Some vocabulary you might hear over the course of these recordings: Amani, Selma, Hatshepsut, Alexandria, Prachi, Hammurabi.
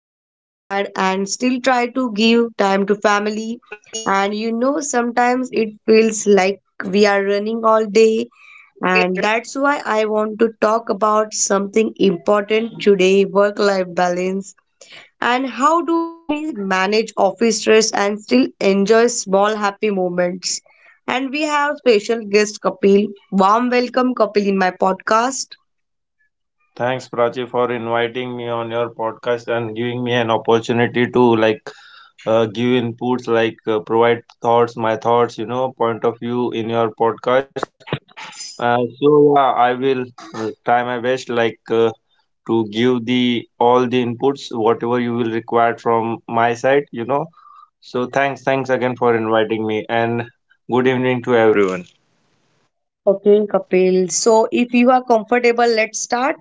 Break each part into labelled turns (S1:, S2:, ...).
S1: come back tired, and still try to give time to family. Sometimes it feels like we are running all day, and that's why I want to talk about something important today: work life balance, and how do we manage office stress and still enjoy small happy moments? And we have special guest Kapil. Warm welcome, Kapil, in my podcast.
S2: Thanks, Prachi, for inviting me on your podcast and giving me an opportunity to like give inputs, like provide thoughts, my thoughts, point of view in your podcast. So yeah, I will try my best, like to give the all the inputs, whatever you will require from my side. So thanks again for inviting me, and good
S1: Okay,
S2: evening to
S1: Kapil.
S2: everyone.
S1: So, if you are comfortable, let's start.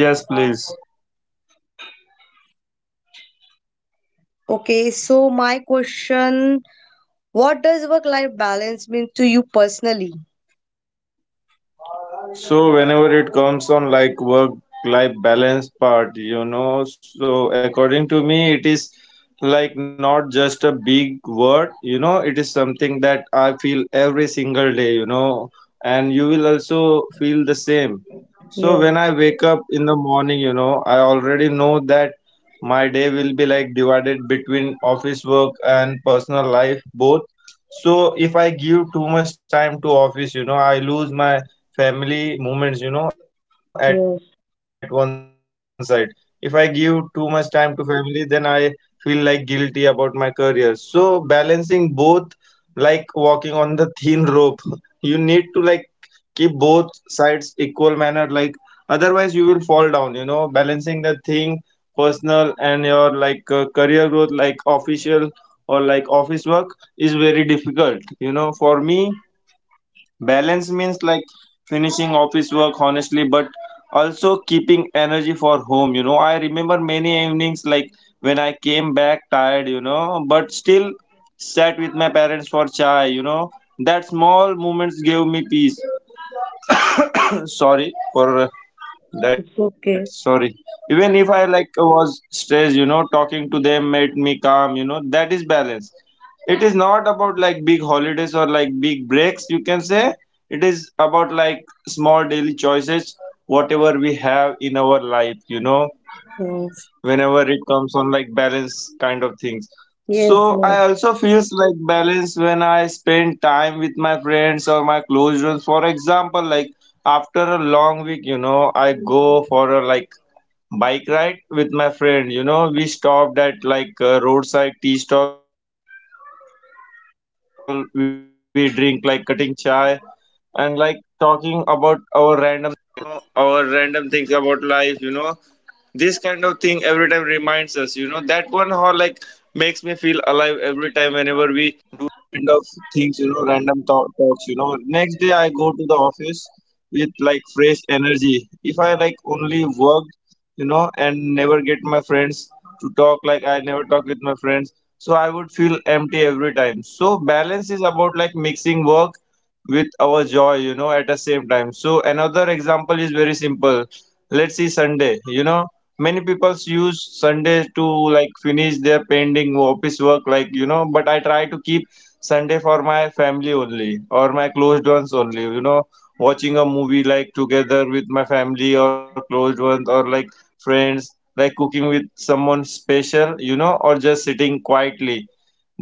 S2: Yes, please.
S1: Okay, so my question: what does work life balance mean to you personally?
S2: So whenever it comes on like work life balance part, so according to me, it is like not just a big word, it is something that I feel every single day, and you will also feel the same. So
S1: Yes,
S2: when I wake up in the morning, I already know that my day will be like divided between office work and personal life both. So if I give too much time to office, I lose my family moments, at one side. If
S1: yes,
S2: I give too much time to family, then I feel like guilty about my career. So balancing both, like walking on the thin rope, you need to like keep both sides equal manner. Like otherwise, you will fall down. Balancing the thing, personal and your like career growth, like official or like office work is very difficult. For me, balance means like finishing office work honestly, but also keeping energy for home. I remember many evenings like when I came back tired, but still sat with parents for chai. That small moments gave me peace. Sorry for
S1: it's
S2: that,
S1: okay.
S2: sorry. Even if I like was stressed, talking to them made me calm, that is balance. It is not about like big holidays or like big breaks, you can say it is about like small daily choices, whatever we have in our life you know
S1: Yes,
S2: whenever it comes on like balance kind of things. So
S1: yes,
S2: I
S1: yes,
S2: also feels like balance when I spend time with my friends or my close ones, for example, like after a long week, I go for a like bike ride with my friend. We stopped at like a roadside tea stall, we drink like cutting chai and like talking about uh, you know next day I go to the office with like fresh energy. If I like only work and never get my friends to talk, like I never talk with my friends, so I would feel empty every time. So balance is about like mixing work with our joy, at the same time. So another example is very simple. Let's see Sunday. Many people use Sunday to like finish their pending office work, like but I try to keep Sunday for my family only or my closed ones only, watching a movie like together with my family or closed ones or like friends, like cooking with someone special, or just sitting quietly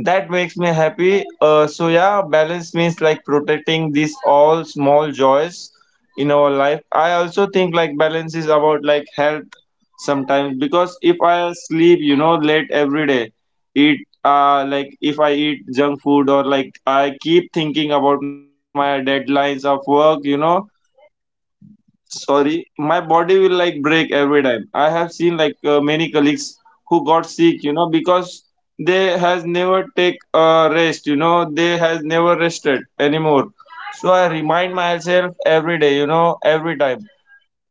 S2: that makes me happy. So yeah, balance means like protecting these all small joys in our life. I also think like balance is about like health sometimes, because if I sleep, late every day, eat like if I eat junk food or like I keep thinking about my deadlines of work, sorry, my body will like break every time. I have seen like many colleagues who got sick, because they has never take a rest. They has never rested anymore. So I remind myself every day, you know every time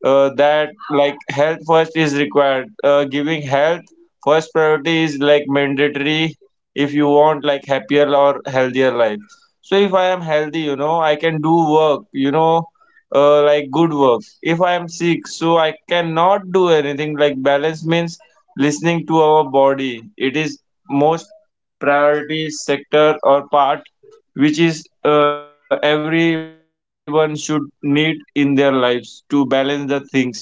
S2: that like health first is required. Giving health first priority is like mandatory if you want like happier or healthier life. So if I am healthy, I can do work, like good work. If I am sick, so I cannot do anything. Like balance means listening to our body. It is most priority sector or part, which is, everyone should need in their lives to balance the things.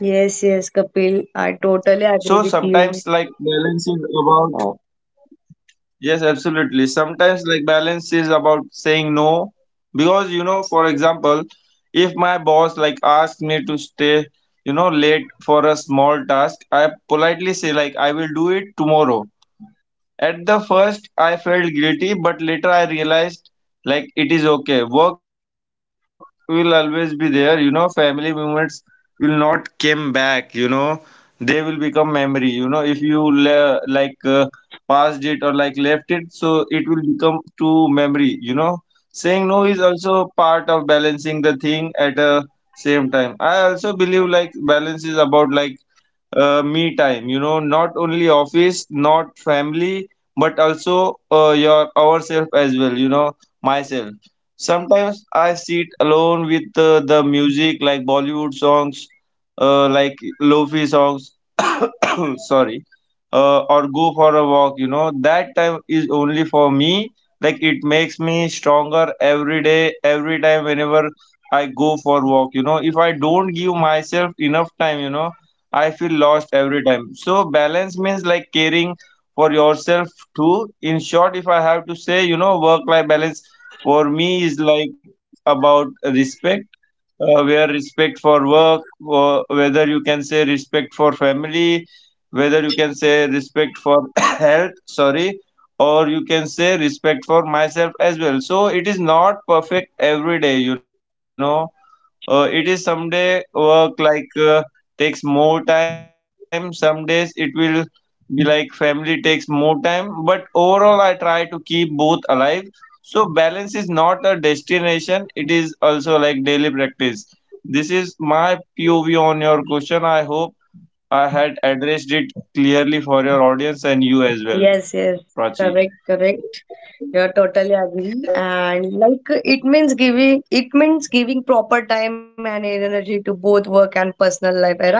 S1: yes, yes,
S2: So
S1: Kapil. I
S2: sometimes like
S1: totally agree with
S2: balance is
S1: you.
S2: about.
S1: Oh,
S2: Yes, absolutely. Sometimes like balance is about saying no, because, for example, if my boss like asks me to stay, late for a small task, I politely say like I will do it tomorrow. At the first, I felt guilty, but later I realized like it is okay. Work will always be there, family moments will not come back, they will become memory, if you passed it or like left it, so it will become to memory. Saying no is also part of balancing the thing at a same time. I also believe like balance is about like me time, not only office, not family, but also your ourself as well, myself. Sometimes I sit alone with the music, like Bollywood songs, like lofi songs, sorry, or go for a walk. That time is only for me. Like makes me stronger every day, every time whenever I go for walk. If I don't give myself enough time, feel lost every time. So balance means like caring for yourself too. In short, if I have to say, work-life balance for me is like about respect, where respect for work, or whether you can say respect for family, whether you can say respect for health, sorry, or you can say respect for myself as well. So it is not perfect every day, it is someday work like takes more time. Some days it will be like family takes more time. But overall, I try to keep both alive. So balance is not a destination. It is also like daily practice. This is my POV on your question. I hope I had addressed it clearly for your audience and you as
S1: yes, yes,
S2: well,
S1: correct,
S2: Prachi.
S1: correct. Yeah, totally agree. And like it means giving, it means giving proper time and energy to both work and personal life, eh, right?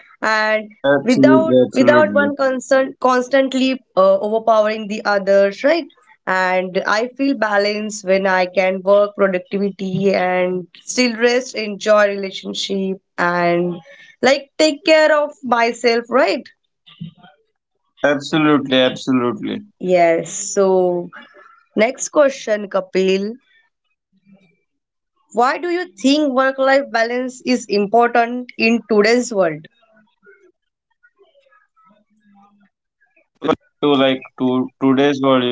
S1: And
S2: Absolutely, absolutely,
S1: without one constantly overpowering the others, right? And I feel balance when I can work productivity and still rest, enjoy relationship, and like take care of myself, right? Yes. So next
S2: absolutely,
S1: question, Kapil.
S2: absolutely.
S1: Why do you think work life balance is important in today's world?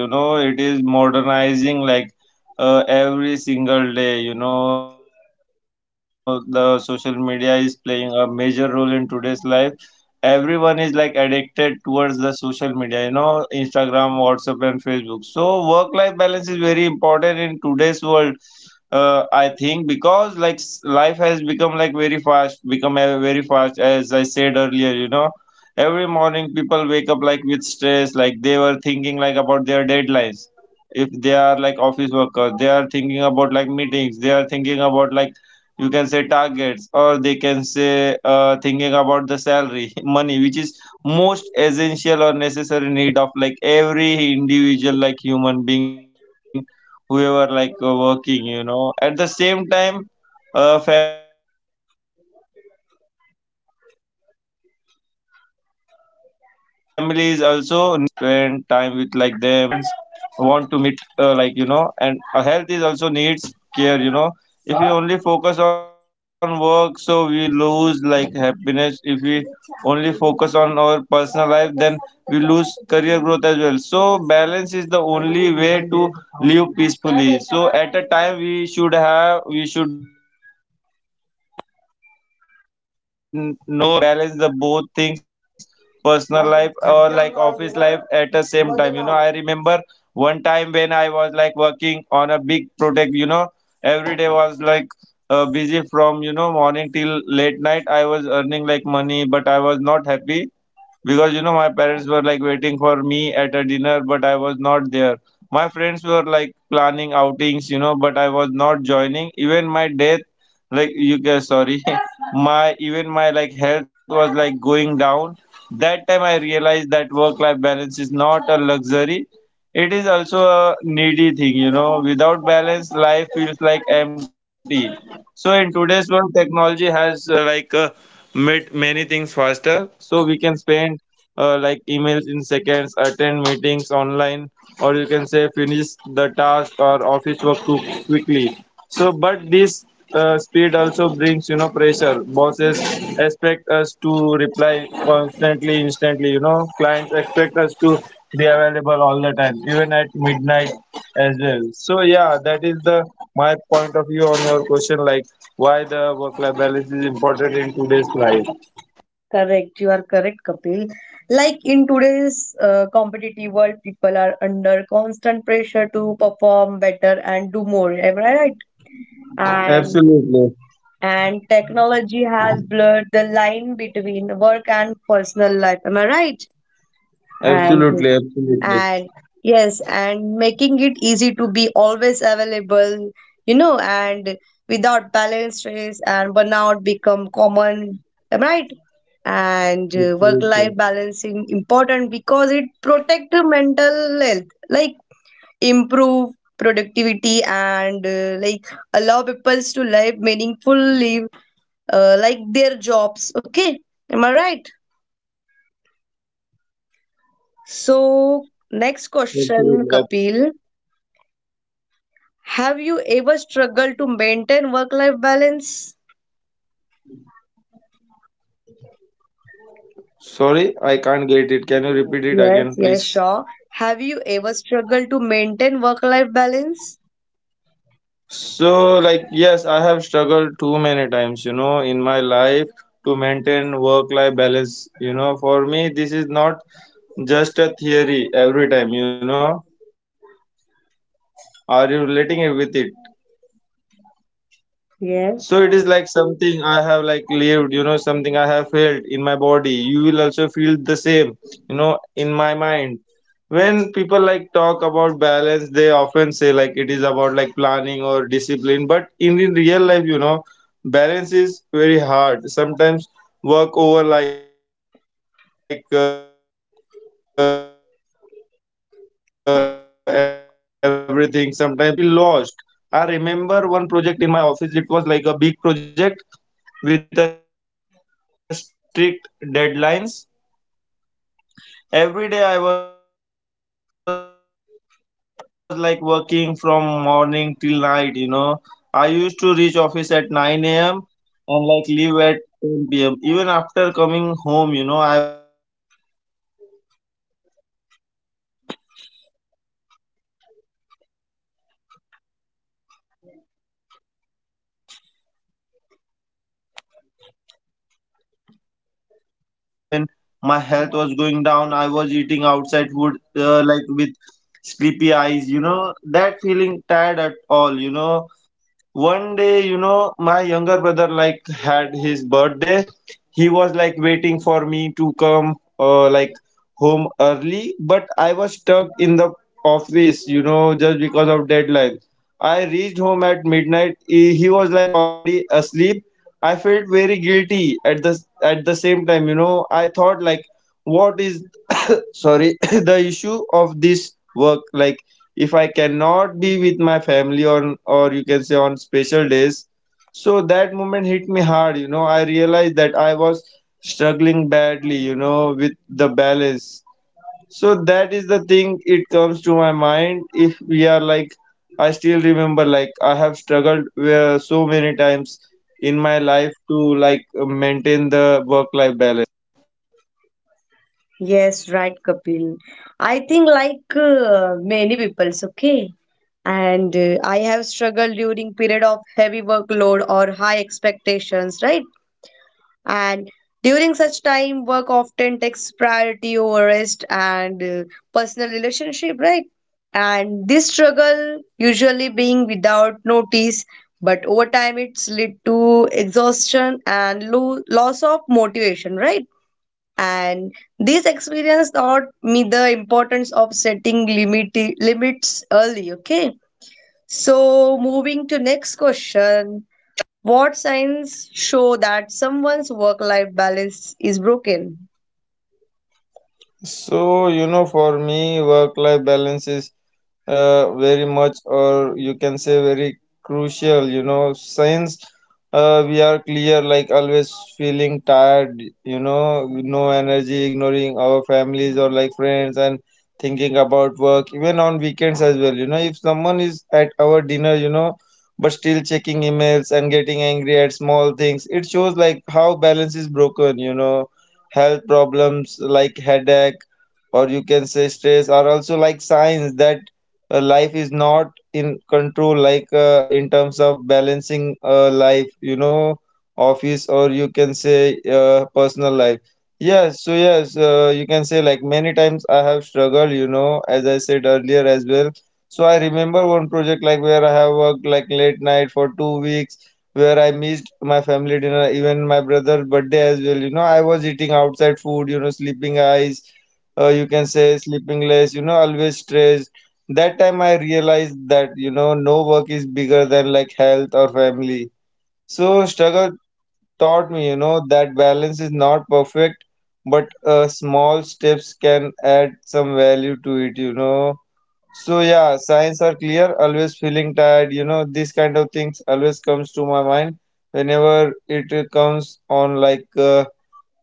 S2: To today's world, it is modernizing like every single day. The social media is playing a major role in today's life. Everyone is like addicted towards the social media, Instagram, WhatsApp, and Facebook. So work life balance is very important in today's world. I think because like life has become like very fast, become very fast, as I said earlier. Every morning, people wake up like with stress, like they were thinking like about their deadlines. Like office workers, they are thinking about like meetings. They are thinking about like you can say targets, or they can say thinking about the salary, money, which is most essential or necessary need of like every individual, like human being whoever like working, at the same time. Families also needs like attention, so children wants like parents to spend time with like them, or you can say friends want to meet, like and a health is also needs care. If we only focus on work, so we lose like happiness. If we only focus on our personal life, then we lose career growth as well. So balance is the way to live peacefully. So at a time, we should know like how to manage the both things, or manage like balance the both things, personal life or like office life at the same time. I remember one time when I was like working on a big project. Every day was like busy from, morning till like money, but I was not happy. Because, my parents were like waiting for me at a dinner, but I was not there. My friends were like planning outings, but I was not joining. Even my death, like you guys, sorry. My like health was like going down. That time I realized that work life balance is not a luxury, it is also a needy thing. Without balance, life feels like empty. So in today's world, technology has like made many things faster, so we can spend like emails in seconds, attend meetings online, or you can say finish the task or office work too quickly. So, but this speed also brings, pressure. Bosses expect us to reply constantly, instantly. Clients expect us to be available all the time, even at midnight as well. So yeah, that is the my point of view on your question, like why the work-life balance is important in today's life.
S1: Correct, you are correct, Kapil. Like in today's competitive world, people are under constant pressure to perform better and do more. Am I right? And
S2: Absolutely.
S1: and technology has blurred the line between work and personal life. Am I right? And
S2: Absolutely, absolutely,
S1: and yes, and making it easy to be always available, you know, and without balance stress and burnout become common, right? And work life
S2: absolutely,
S1: balancing important because it protect the mental health, like improve productivity and like allow people to live meaningfully like their jobs, okay?
S2: absolutely,
S1: Am I
S2: absolutely.
S1: right? So next question, Kapil. Have you ever struggled to maintain work life balance?
S2: Sorry, I can't get it. Can you repeat it again, please?
S1: Yes, yes, sure. Have you ever struggled to maintain work life balance?
S2: So, yes, I have struggled too many times, in my life to maintain work-life balance. For me, this is not just a theory every time, Are you relating it with it? So it
S1: Yes,
S2: is something I have lived, you know, something I have felt in my body. You will also feel the same, in my mind. When people talk about balance, they often say it about planning or discipline. But in real life, balance is very hard. Sometimes work over everything. Sometimes personal life pulls you strongly, and in between, you feel lost. I remember one project in my office. It was like a big project with a strict deadlines. Every day I was working from morning till night, I used to reach office at 9 a.m. and leave at 10 p.m. Even after coming home, I was checking emails. My phone was always ringing. My about the deadlines. At that time, I missed my many family dinners, my parents were waiting for me, but I was not there. My friends were planning outings, but I was not joining. Even my health was going down. I was eating outside food, like with sleepy eyes, that feeling tired at all, one day, my younger brother had his birthday. He was waiting for uh, like home early, but I was stuck in the office, just because of deadline. I reached home at midnight. He was already asleep. I felt very guilty at the same time. I thought what is, sorry, the issue of this work. If I cannot be with my family on, or you can say, on special days. So that moment hit me hard, I realized that I was struggling badly, with the balance. So that is the thing, it comes to my mind. If we are I still remember I have struggled so many times in my life to maintain the work life balance.
S1: yes, right, Kapil. I think, like many people's, okay. And I have struggled during period of heavy workload or high expectations, right? And during such time, work often takes priority over rest and personal relationship, right? And this struggle usually being without notice, but over time it's lead to exhaustion and loss of motivation, right? And this experience taught me the importance of setting limits early, okay? So moving to next question: what signs show that someone's work life balance is broken?
S2: So, you know, for me, work life balance is very much, or you can say very crucial, since we are clear, always feeling tired, no energy, ignoring our families or friends, and thinking about work even on weekends as well, if someone is at our dinner, but still checking emails and getting angry at small things, it shows how balance is broken, health problems like headache, or you can say stress, are also signs that life is not in control, in terms of balancing life, office or you can say personal life. Yes, so yes, you can say, many times I have struggled, as I said earlier as well. So I remember one project where I have worked late night for 2 weeks, where I missed my family dinner, even my brother's birthday as well, I was eating outside food, sleeping eyes, you can say sleeping less, always stressed. That time I realized that, no work is bigger than health or family. So struggle taught me, that balance is not perfect, but small steps can add some value to it, so yeah, signs are clear, always feeling tired, this kind of things always comes to my mind whenever it comes on like uh,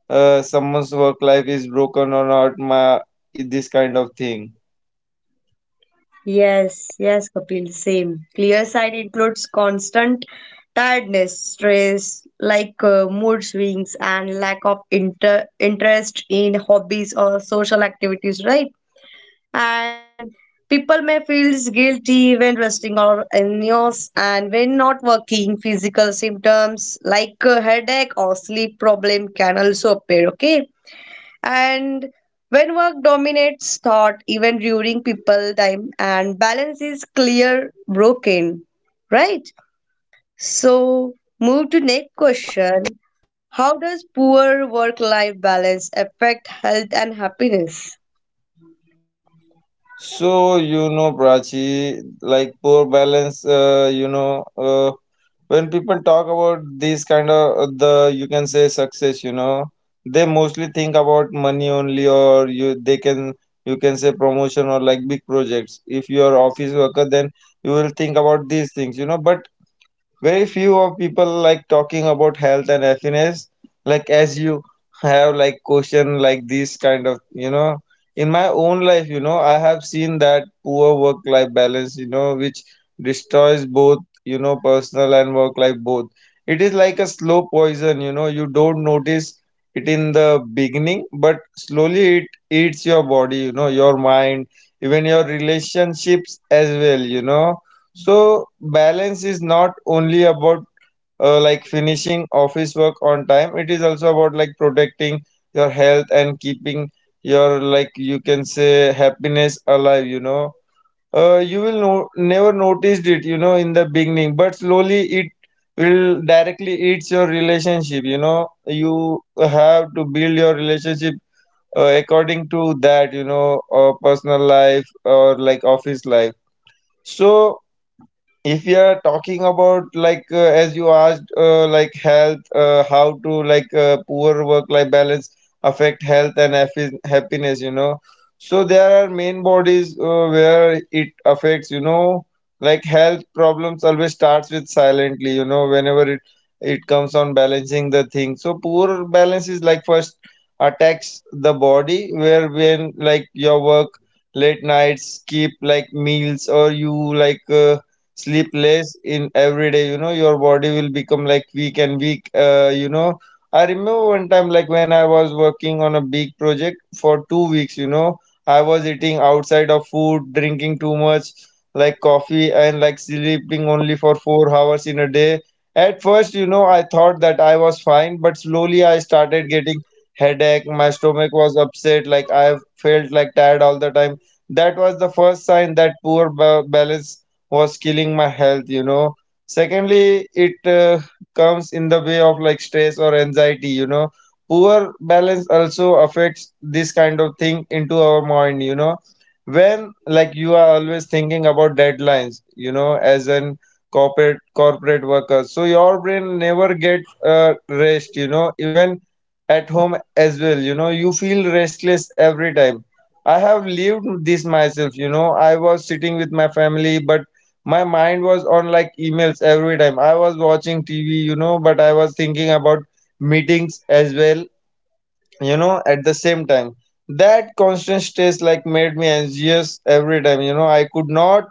S2: uh, someone's work life is broken or not. My this kind of thing.
S1: Yes, yes, Kapil, same. Clear sign includes constant tiredness, stress, like mood swings, and lack of interest in hobbies or social activities, right? And people may feel guilty when resting or illness, and when not working, physical symptoms like headache or sleep problem can also appear, okay? And when work dominates thought, even during people time, and balance is clear broken, right? So move to next question. How does poor work-life balance affect health and happiness?
S2: So, you know, Prachi, poor balance, when people talk about these kind of, the you can say success, you they mostly think about money only, or you they can, you can say promotion or big projects. If you are office worker, then you will think about these things, But very few of people talking about health and happiness, as you have question these kind of, in my own life, I have seen that poor work life balance, which destroys both, personal and work life both. It is like a slow poison, you don't notice it in the beginning, but slowly it eats your body, your mind, even your relationships as well, so balance is not only about like finishing office work on time. It is also about protecting your health and keeping your, you can say, happiness alive, you will no never noticed it, in the beginning, but slowly it will directly eats your relationship, You have to build your relationship according to that, personal life or office life. So if you are talking about as you asked, health, how to, poor work life balance affect health and happiness, so there are main bodies, where it affects, like health problems always starts with silently, whenever it, it comes on balancing the thing, so poor balance is like first attacks the body, where when your work late nights, skip meals, or you sleep less in every day, your body will become like weak and weak, I remember one time, when I was working on a big project for 2 weeks, I was eating outside of food, drinking too much coffee, and sleeping only for 4 hours in a day. At first, I thought that I was fine, but slowly I started getting headache, my stomach was upset, I felt like tired all the time. That was the first sign that poor balance was killing my health, secondly, it comes in the way of stress or anxiety, poor balance also affects this kind of thing into our mind, when you are always thinking about deadlines, as an corporate worker, so your brain never get rest, even at home as well, you feel restless every time. I have lived this myself, I was sitting with my family, but my mind was on emails every time. I was watching TV, but I was thinking about meetings as well, at the same time. That constant stress made me anxious every time, I could not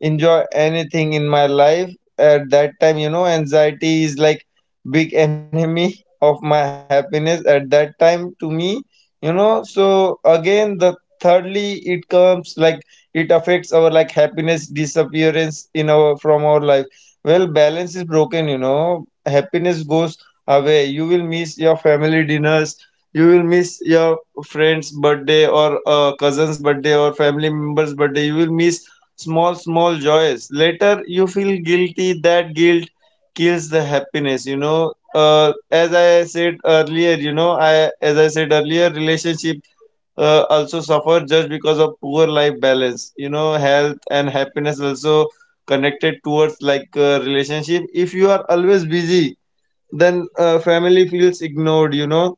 S2: enjoy anything in my life at that time, anxiety is like big enemy of my happiness at that time to me, so again, the thirdly, it comes it affects our happiness disappearance in our from our life. Well, balance is broken, happiness goes away. You will miss your family dinners, you will miss your friend's birthday, or cousin's birthday, or family member's birthday. You will miss small small joys later. You feel guilty. That guilt kills the happiness, As I said earlier, I as I said earlier, relationship also suffer, just because of poor life balance, health and happiness also connected towards relationship. If you are always busy, then family feels ignored,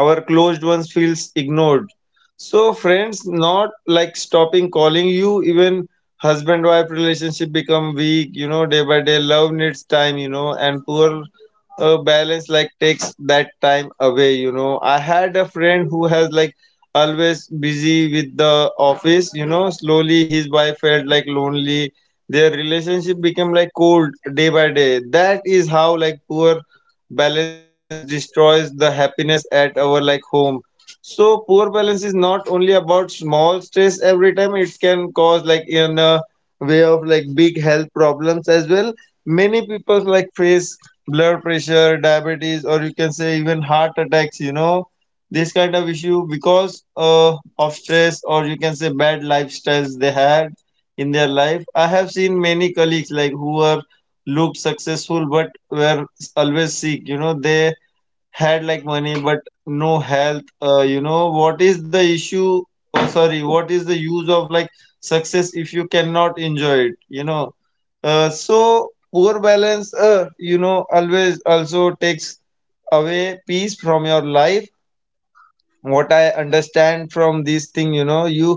S2: our closed ones feels ignored. So friends not stopping calling you. Even husband wife relationship become weak, day by day. Love needs time, and poor balance takes that time away, I had a friend who has always busy with the office, slowly his wife felt like lonely, their relationship became like cold day by day. That is how poor balance destroys the happiness at our home. So poor balance is not only about small stress every time, it can cause in a way of big health problems as well. Many people face blood pressure, diabetes, or you can say even heart attacks, this kind of issue, because of stress, or you can say bad lifestyles they had in their life. I have seen many colleagues who are look successful, but were always sick, they had money, but no health, what is the issue? Oh, sorry, what is the use of success if you cannot enjoy it, So poor balance, always also takes away peace from your life. What I understand from this thing, you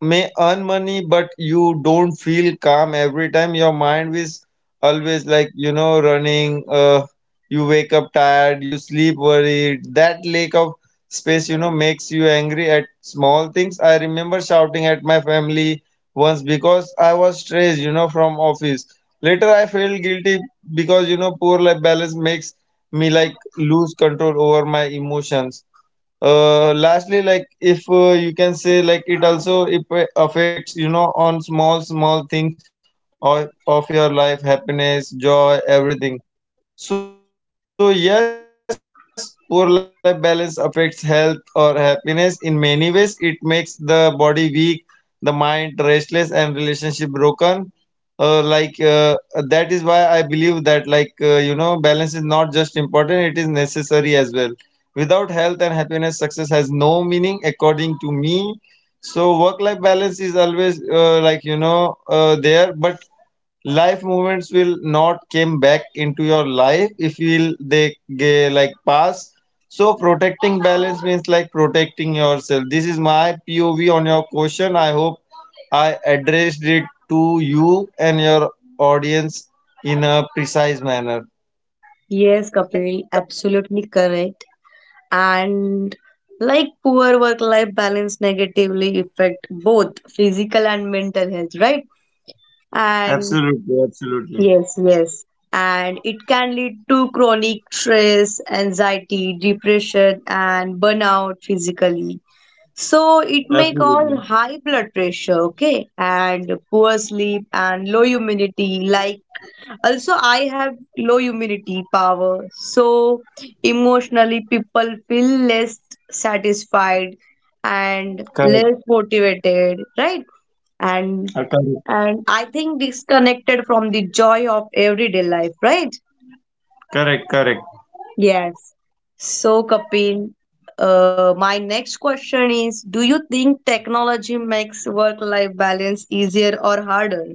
S2: may earn money, but you don't feel calm every time. Your Mind is always, like, running. You wake up tired, you sleep worried, that lack of space, makes you angry at small things. I remember shouting at my family once because I was stressed, from office. Later I felt guilty because, poor life balance makes me, like, lose control over my emotions. Lastly, like, if, you can say, like, it also it affects, on small small things, or of your life, happiness, joy, everything. So yes, poor life balance affects health or happiness in many ways. It makes the body weak, the mind restless, and relationship broken. uh, like uh, that is why I believe that, like, balance is not just important, it is necessary as well. Without health and happiness, success has no meaning, according to me. So work life balance is always, there, but life moments will not came back into your life if will they like pass. So protecting balance means, like, protecting yourself. This is my POV on your question. I hope I addressed it to you and your audience in a precise manner.
S1: Yes, Kapil, absolutely correct. And like poor work-life balance negatively affect both physical and mental health,
S2: Absolutely,
S1: right?
S2: absolutely.
S1: And yes, yes. And it can lead to chronic stress, anxiety, depression, and burnout physically. So it may
S2: Absolutely
S1: cause high blood pressure, okay, and poor sleep and low immunity. Like also, I have low immunity power. So emotionally, people feel less satisfied and
S2: correct.
S1: less motivated, right? and
S2: Correct.
S1: and I think disconnected from the joy of everyday life, right?
S2: Correct, correct.
S1: Yes. So, Kapil, my next question is, do you think technology makes work-life balance easier or harder?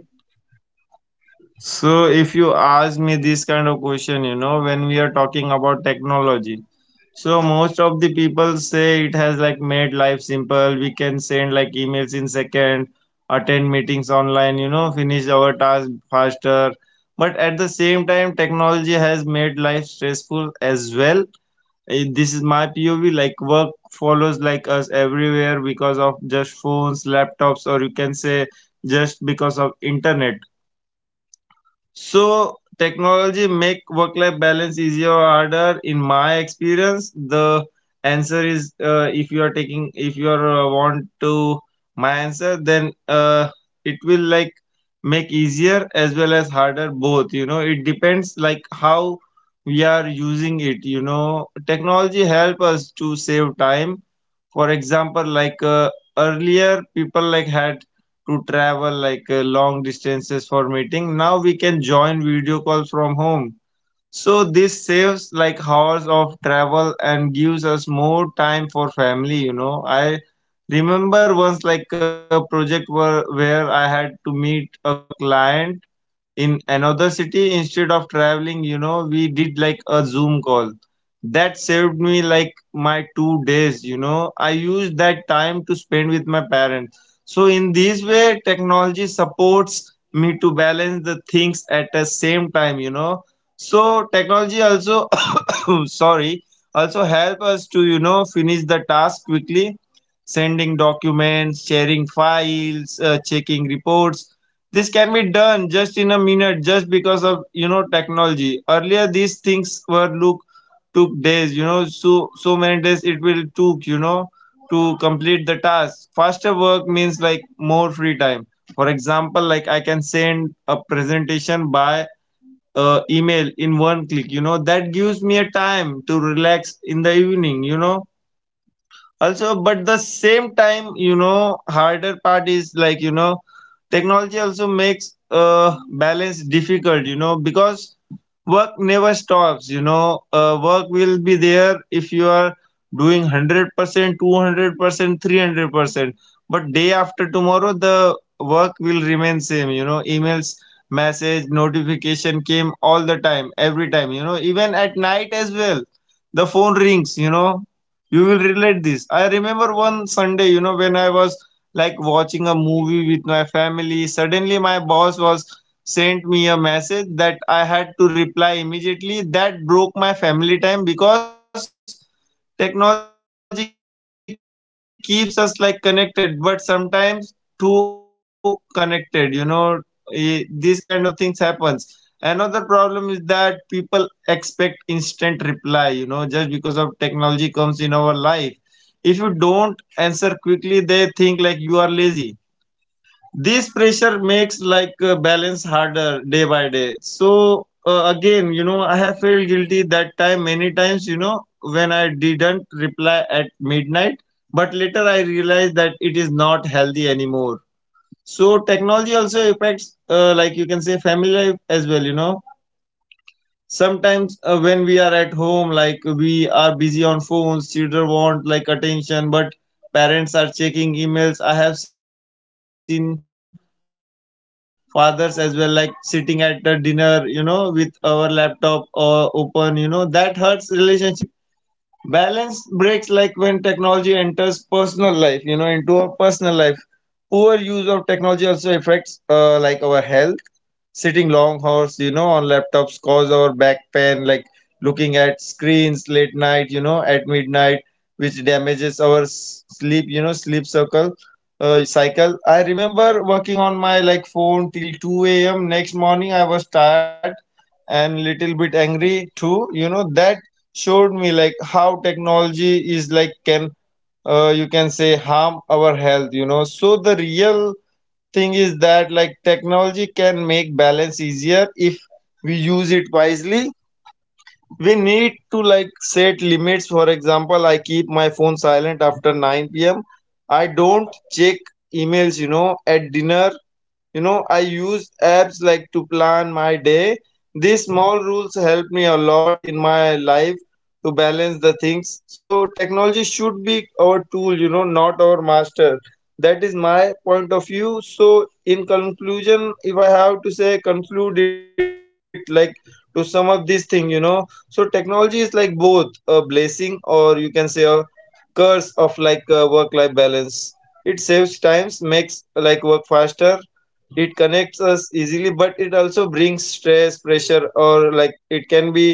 S2: So if you ask me this kind of question, when we are talking about technology, so most of the people say it has, like, made life simple. We can send, like, emails in second, attend meetings online, finish our task faster. But at the same time, technology has made life stressful as well. This is my POV. Like, work follows, like, us everywhere because of just phones, laptops, or you can say just because of internet. So technology make work life balance easier or harder? In my experience, the answer is, if you are, want to my answer, then, it will, like, make easier as well as harder, both. It depends, like, how we are using it. Technology help us to save time, for example, like, earlier people, like, had to travel, like, long distances for meeting. Now we can join video call from home. So this saves, like, hours of travel and gives us more time for family. I remember once, like, a project where I had to meet a client in another city. Instead of traveling, we did, like, a Zoom call that saved me, like, my 2 days. I used that time to spend with my parents. So in this way, technology supports me to balance the things at the same time. So technology also sorry, also help us to, finish the task quickly, sending documents, sharing files, checking reports. This can be done just in a minute just because of, technology. Earlier these things were look took days. So many days it will took, to complete the task faster. Work means, like, more free time. For example, like, I can send a presentation by, email in one click. That gives me a time to relax in the evening, also. But the same time, harder part is, like, technology also makes balance difficult, because work never stops. Work will be there if you are doing 100% 200% 300%. But day after tomorrow, the work will remain same. Emails, message, notification came all the time, every time, even at night as well. The phone rings. You will relate this. I remember one Sunday, when I was, like, watching a movie with my family. Suddenly, my boss was sent me a message that I had to reply immediately. That broke my family time because technology keeps us, like, connected, but sometimes too connected. These kind of things happens. Another problem is that people expect instant reply. Just because of technology comes in our life, if you don't answer quickly, they think, like, you are lazy. This pressure makes, like, balance harder day by day. So, again, I have felt guilty that time many times, when I didn't reply at midnight. But later I realized that it is not healthy anymore. So technology also affects, like, you can say, family life as well. Sometimes, when we are at home, like, we are busy on phones, children want, like, attention, but parents are checking emails. I have seen fathers as well, like, sitting at the dinner, with our laptop or open. That hurts relationship. Balance breaks, like, when technology enters personal life, into our personal life. Poor use of technology also affects, like, our health. Sitting long hours, on laptops, cause our back pain, like, looking at screens late night, at midnight, which damages our sleep, sleep circle. Cycle. I remember working on my, like, phone till 2 a.m. Next morning, I was tired and little bit angry too. That showed me, like, how technology is, like, can, you can say, harm our health. So the real thing is that, like, technology can make balance easier if we use it wisely. We need to, like, set limits. For example, I keep my phone silent after 9 p.m. I don't check emails, at dinner. I use apps, like, to plan my day. These small rules help me a lot in my life to balance the things. So technology should be our tool, not our master. That is my point of view. So in conclusion, if I have to say, conclude it, like, to sum up this thing, so technology is, like, both a blessing or you can say a curse of, like, work life balance. It saves times, makes, like, work faster, it connects us easily, but it also brings stress pressure, or, like, it can be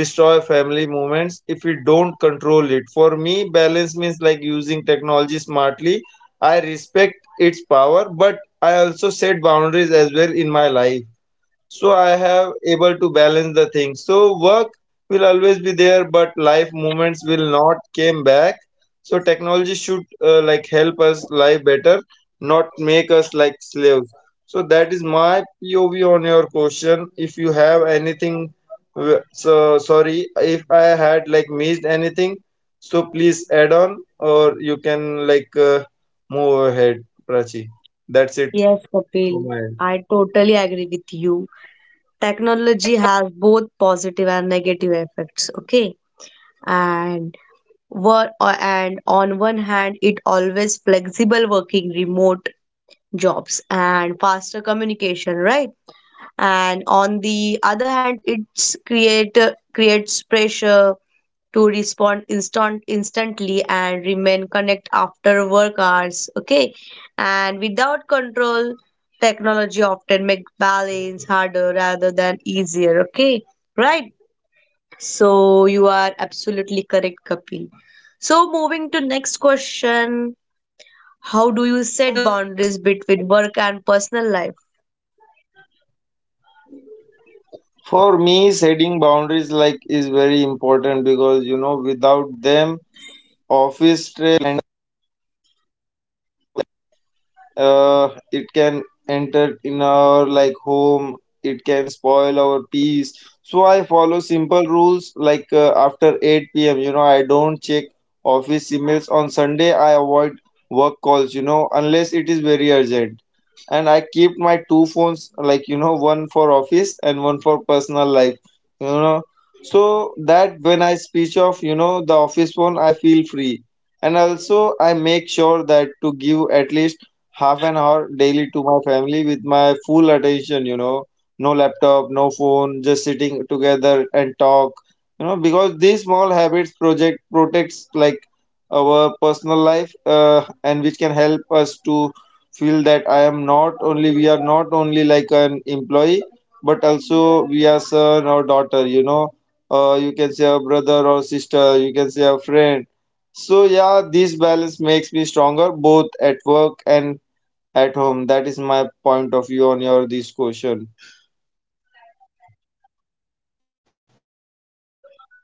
S2: destroy family moments if we don't control it. For me, balance means, like, using technology smartly. I respect its power, but I also set boundaries as well in my life, so I have able to balance the things. So work will always be there, but life moments will not came back. So technology should, like, help us live better, not make us, like, slaves. So that is my POV on your question. If you have anything, so sorry, if I had, like, missed anything, so please add on, or you can, like, move ahead, Prachi. That's it
S1: Yes,
S2: for
S1: Kapil,
S2: my.
S1: I totally agree with you. Technology has both positive and negative effects, okay? And what, and on one hand, it always flexible working, remote jobs and faster communication, right? And on the other hand, it's creates pressure to respond instantly and remain connect after work hours, okay? And without control, technology often make balance harder rather than easier, okay? Right? So you are absolutely correct, Kapil. So moving to next question: how do you set boundaries between work and personal life?
S2: For me, setting boundaries, like, is very important because, without them, office stress, it can enter in our, like, home. It can spoil our peace. So I follow simple rules, like, after 8 p.m, I don't check office emails. On Sunday, I avoid work calls, unless it is very urgent. And I keep my two phones, like, one for office and one personal life. you know so that when I switch off, the office phone, I feel free. And also I make sure that to give at least half an hour daily to my family with full attention, no laptop, no phone, just sitting together and talk, because these small habits project protects, like, our personal life, and which can help us to feel that, I am not only we are not only, like, an employee, but also we are son or daughter, you can say a brother or sister, you can say a friend. So yeah, this balance makes me stronger both at work and at home. That is my point of view on your this question.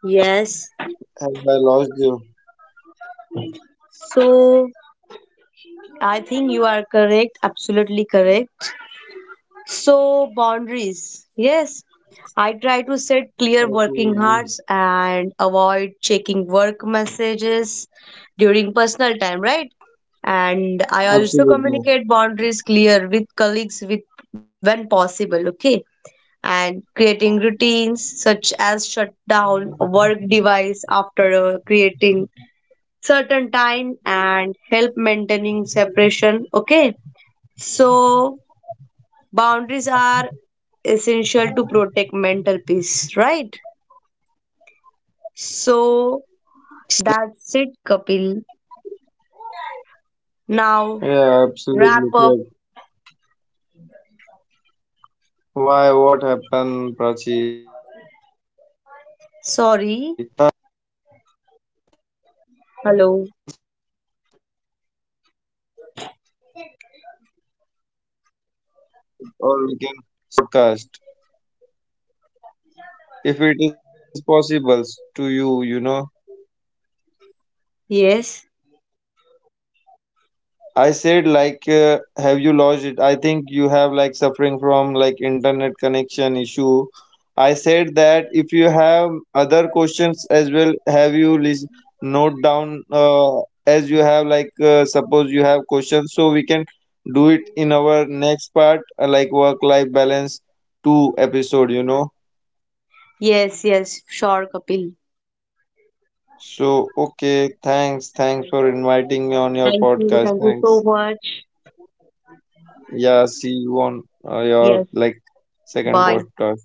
S1: Yes.
S2: Have I lost you?
S1: So I think you are correct, absolutely correct. So boundaries. Yes. I try to set
S2: Absolutely.
S1: clear working hours and avoid checking work messages during personal time, right? And I
S2: Absolutely.
S1: also communicate boundaries clear with colleagues with, when possible, okay? And creating routines such as shut down a work device after creating certain time and help maintaining separation, okay? So boundaries are essential to protect mental peace, right? So that's it, Kapil. Now, wrap up.
S2: Yeah, absolutely, correct. Why what happened, Prachi? Or we can
S1: Sorry.
S2: do it. We can do it, you
S1: Hello.
S2: know, if, sorry, if you have any other further questions, so we can make it on our, like, other podcast. If it is possible to you, you know.
S1: Yes,
S2: I said, like, have you lost it? I think you have, like, suffering from, like, internet connection issue. I said that if you have other questions as well, have you list note down, as you have, like, suppose you have questions, so we do it in our next part, like, work life balance two episode.
S1: yes, yes, sure, Kapil.
S2: So okay, thanks for inviting me on your
S1: Thank you,
S2: podcast.
S1: thank you so
S2: Thanks.
S1: much.
S2: Yeah, see you on your,
S1: Yes.
S2: like, second
S1: Bye.
S2: podcast.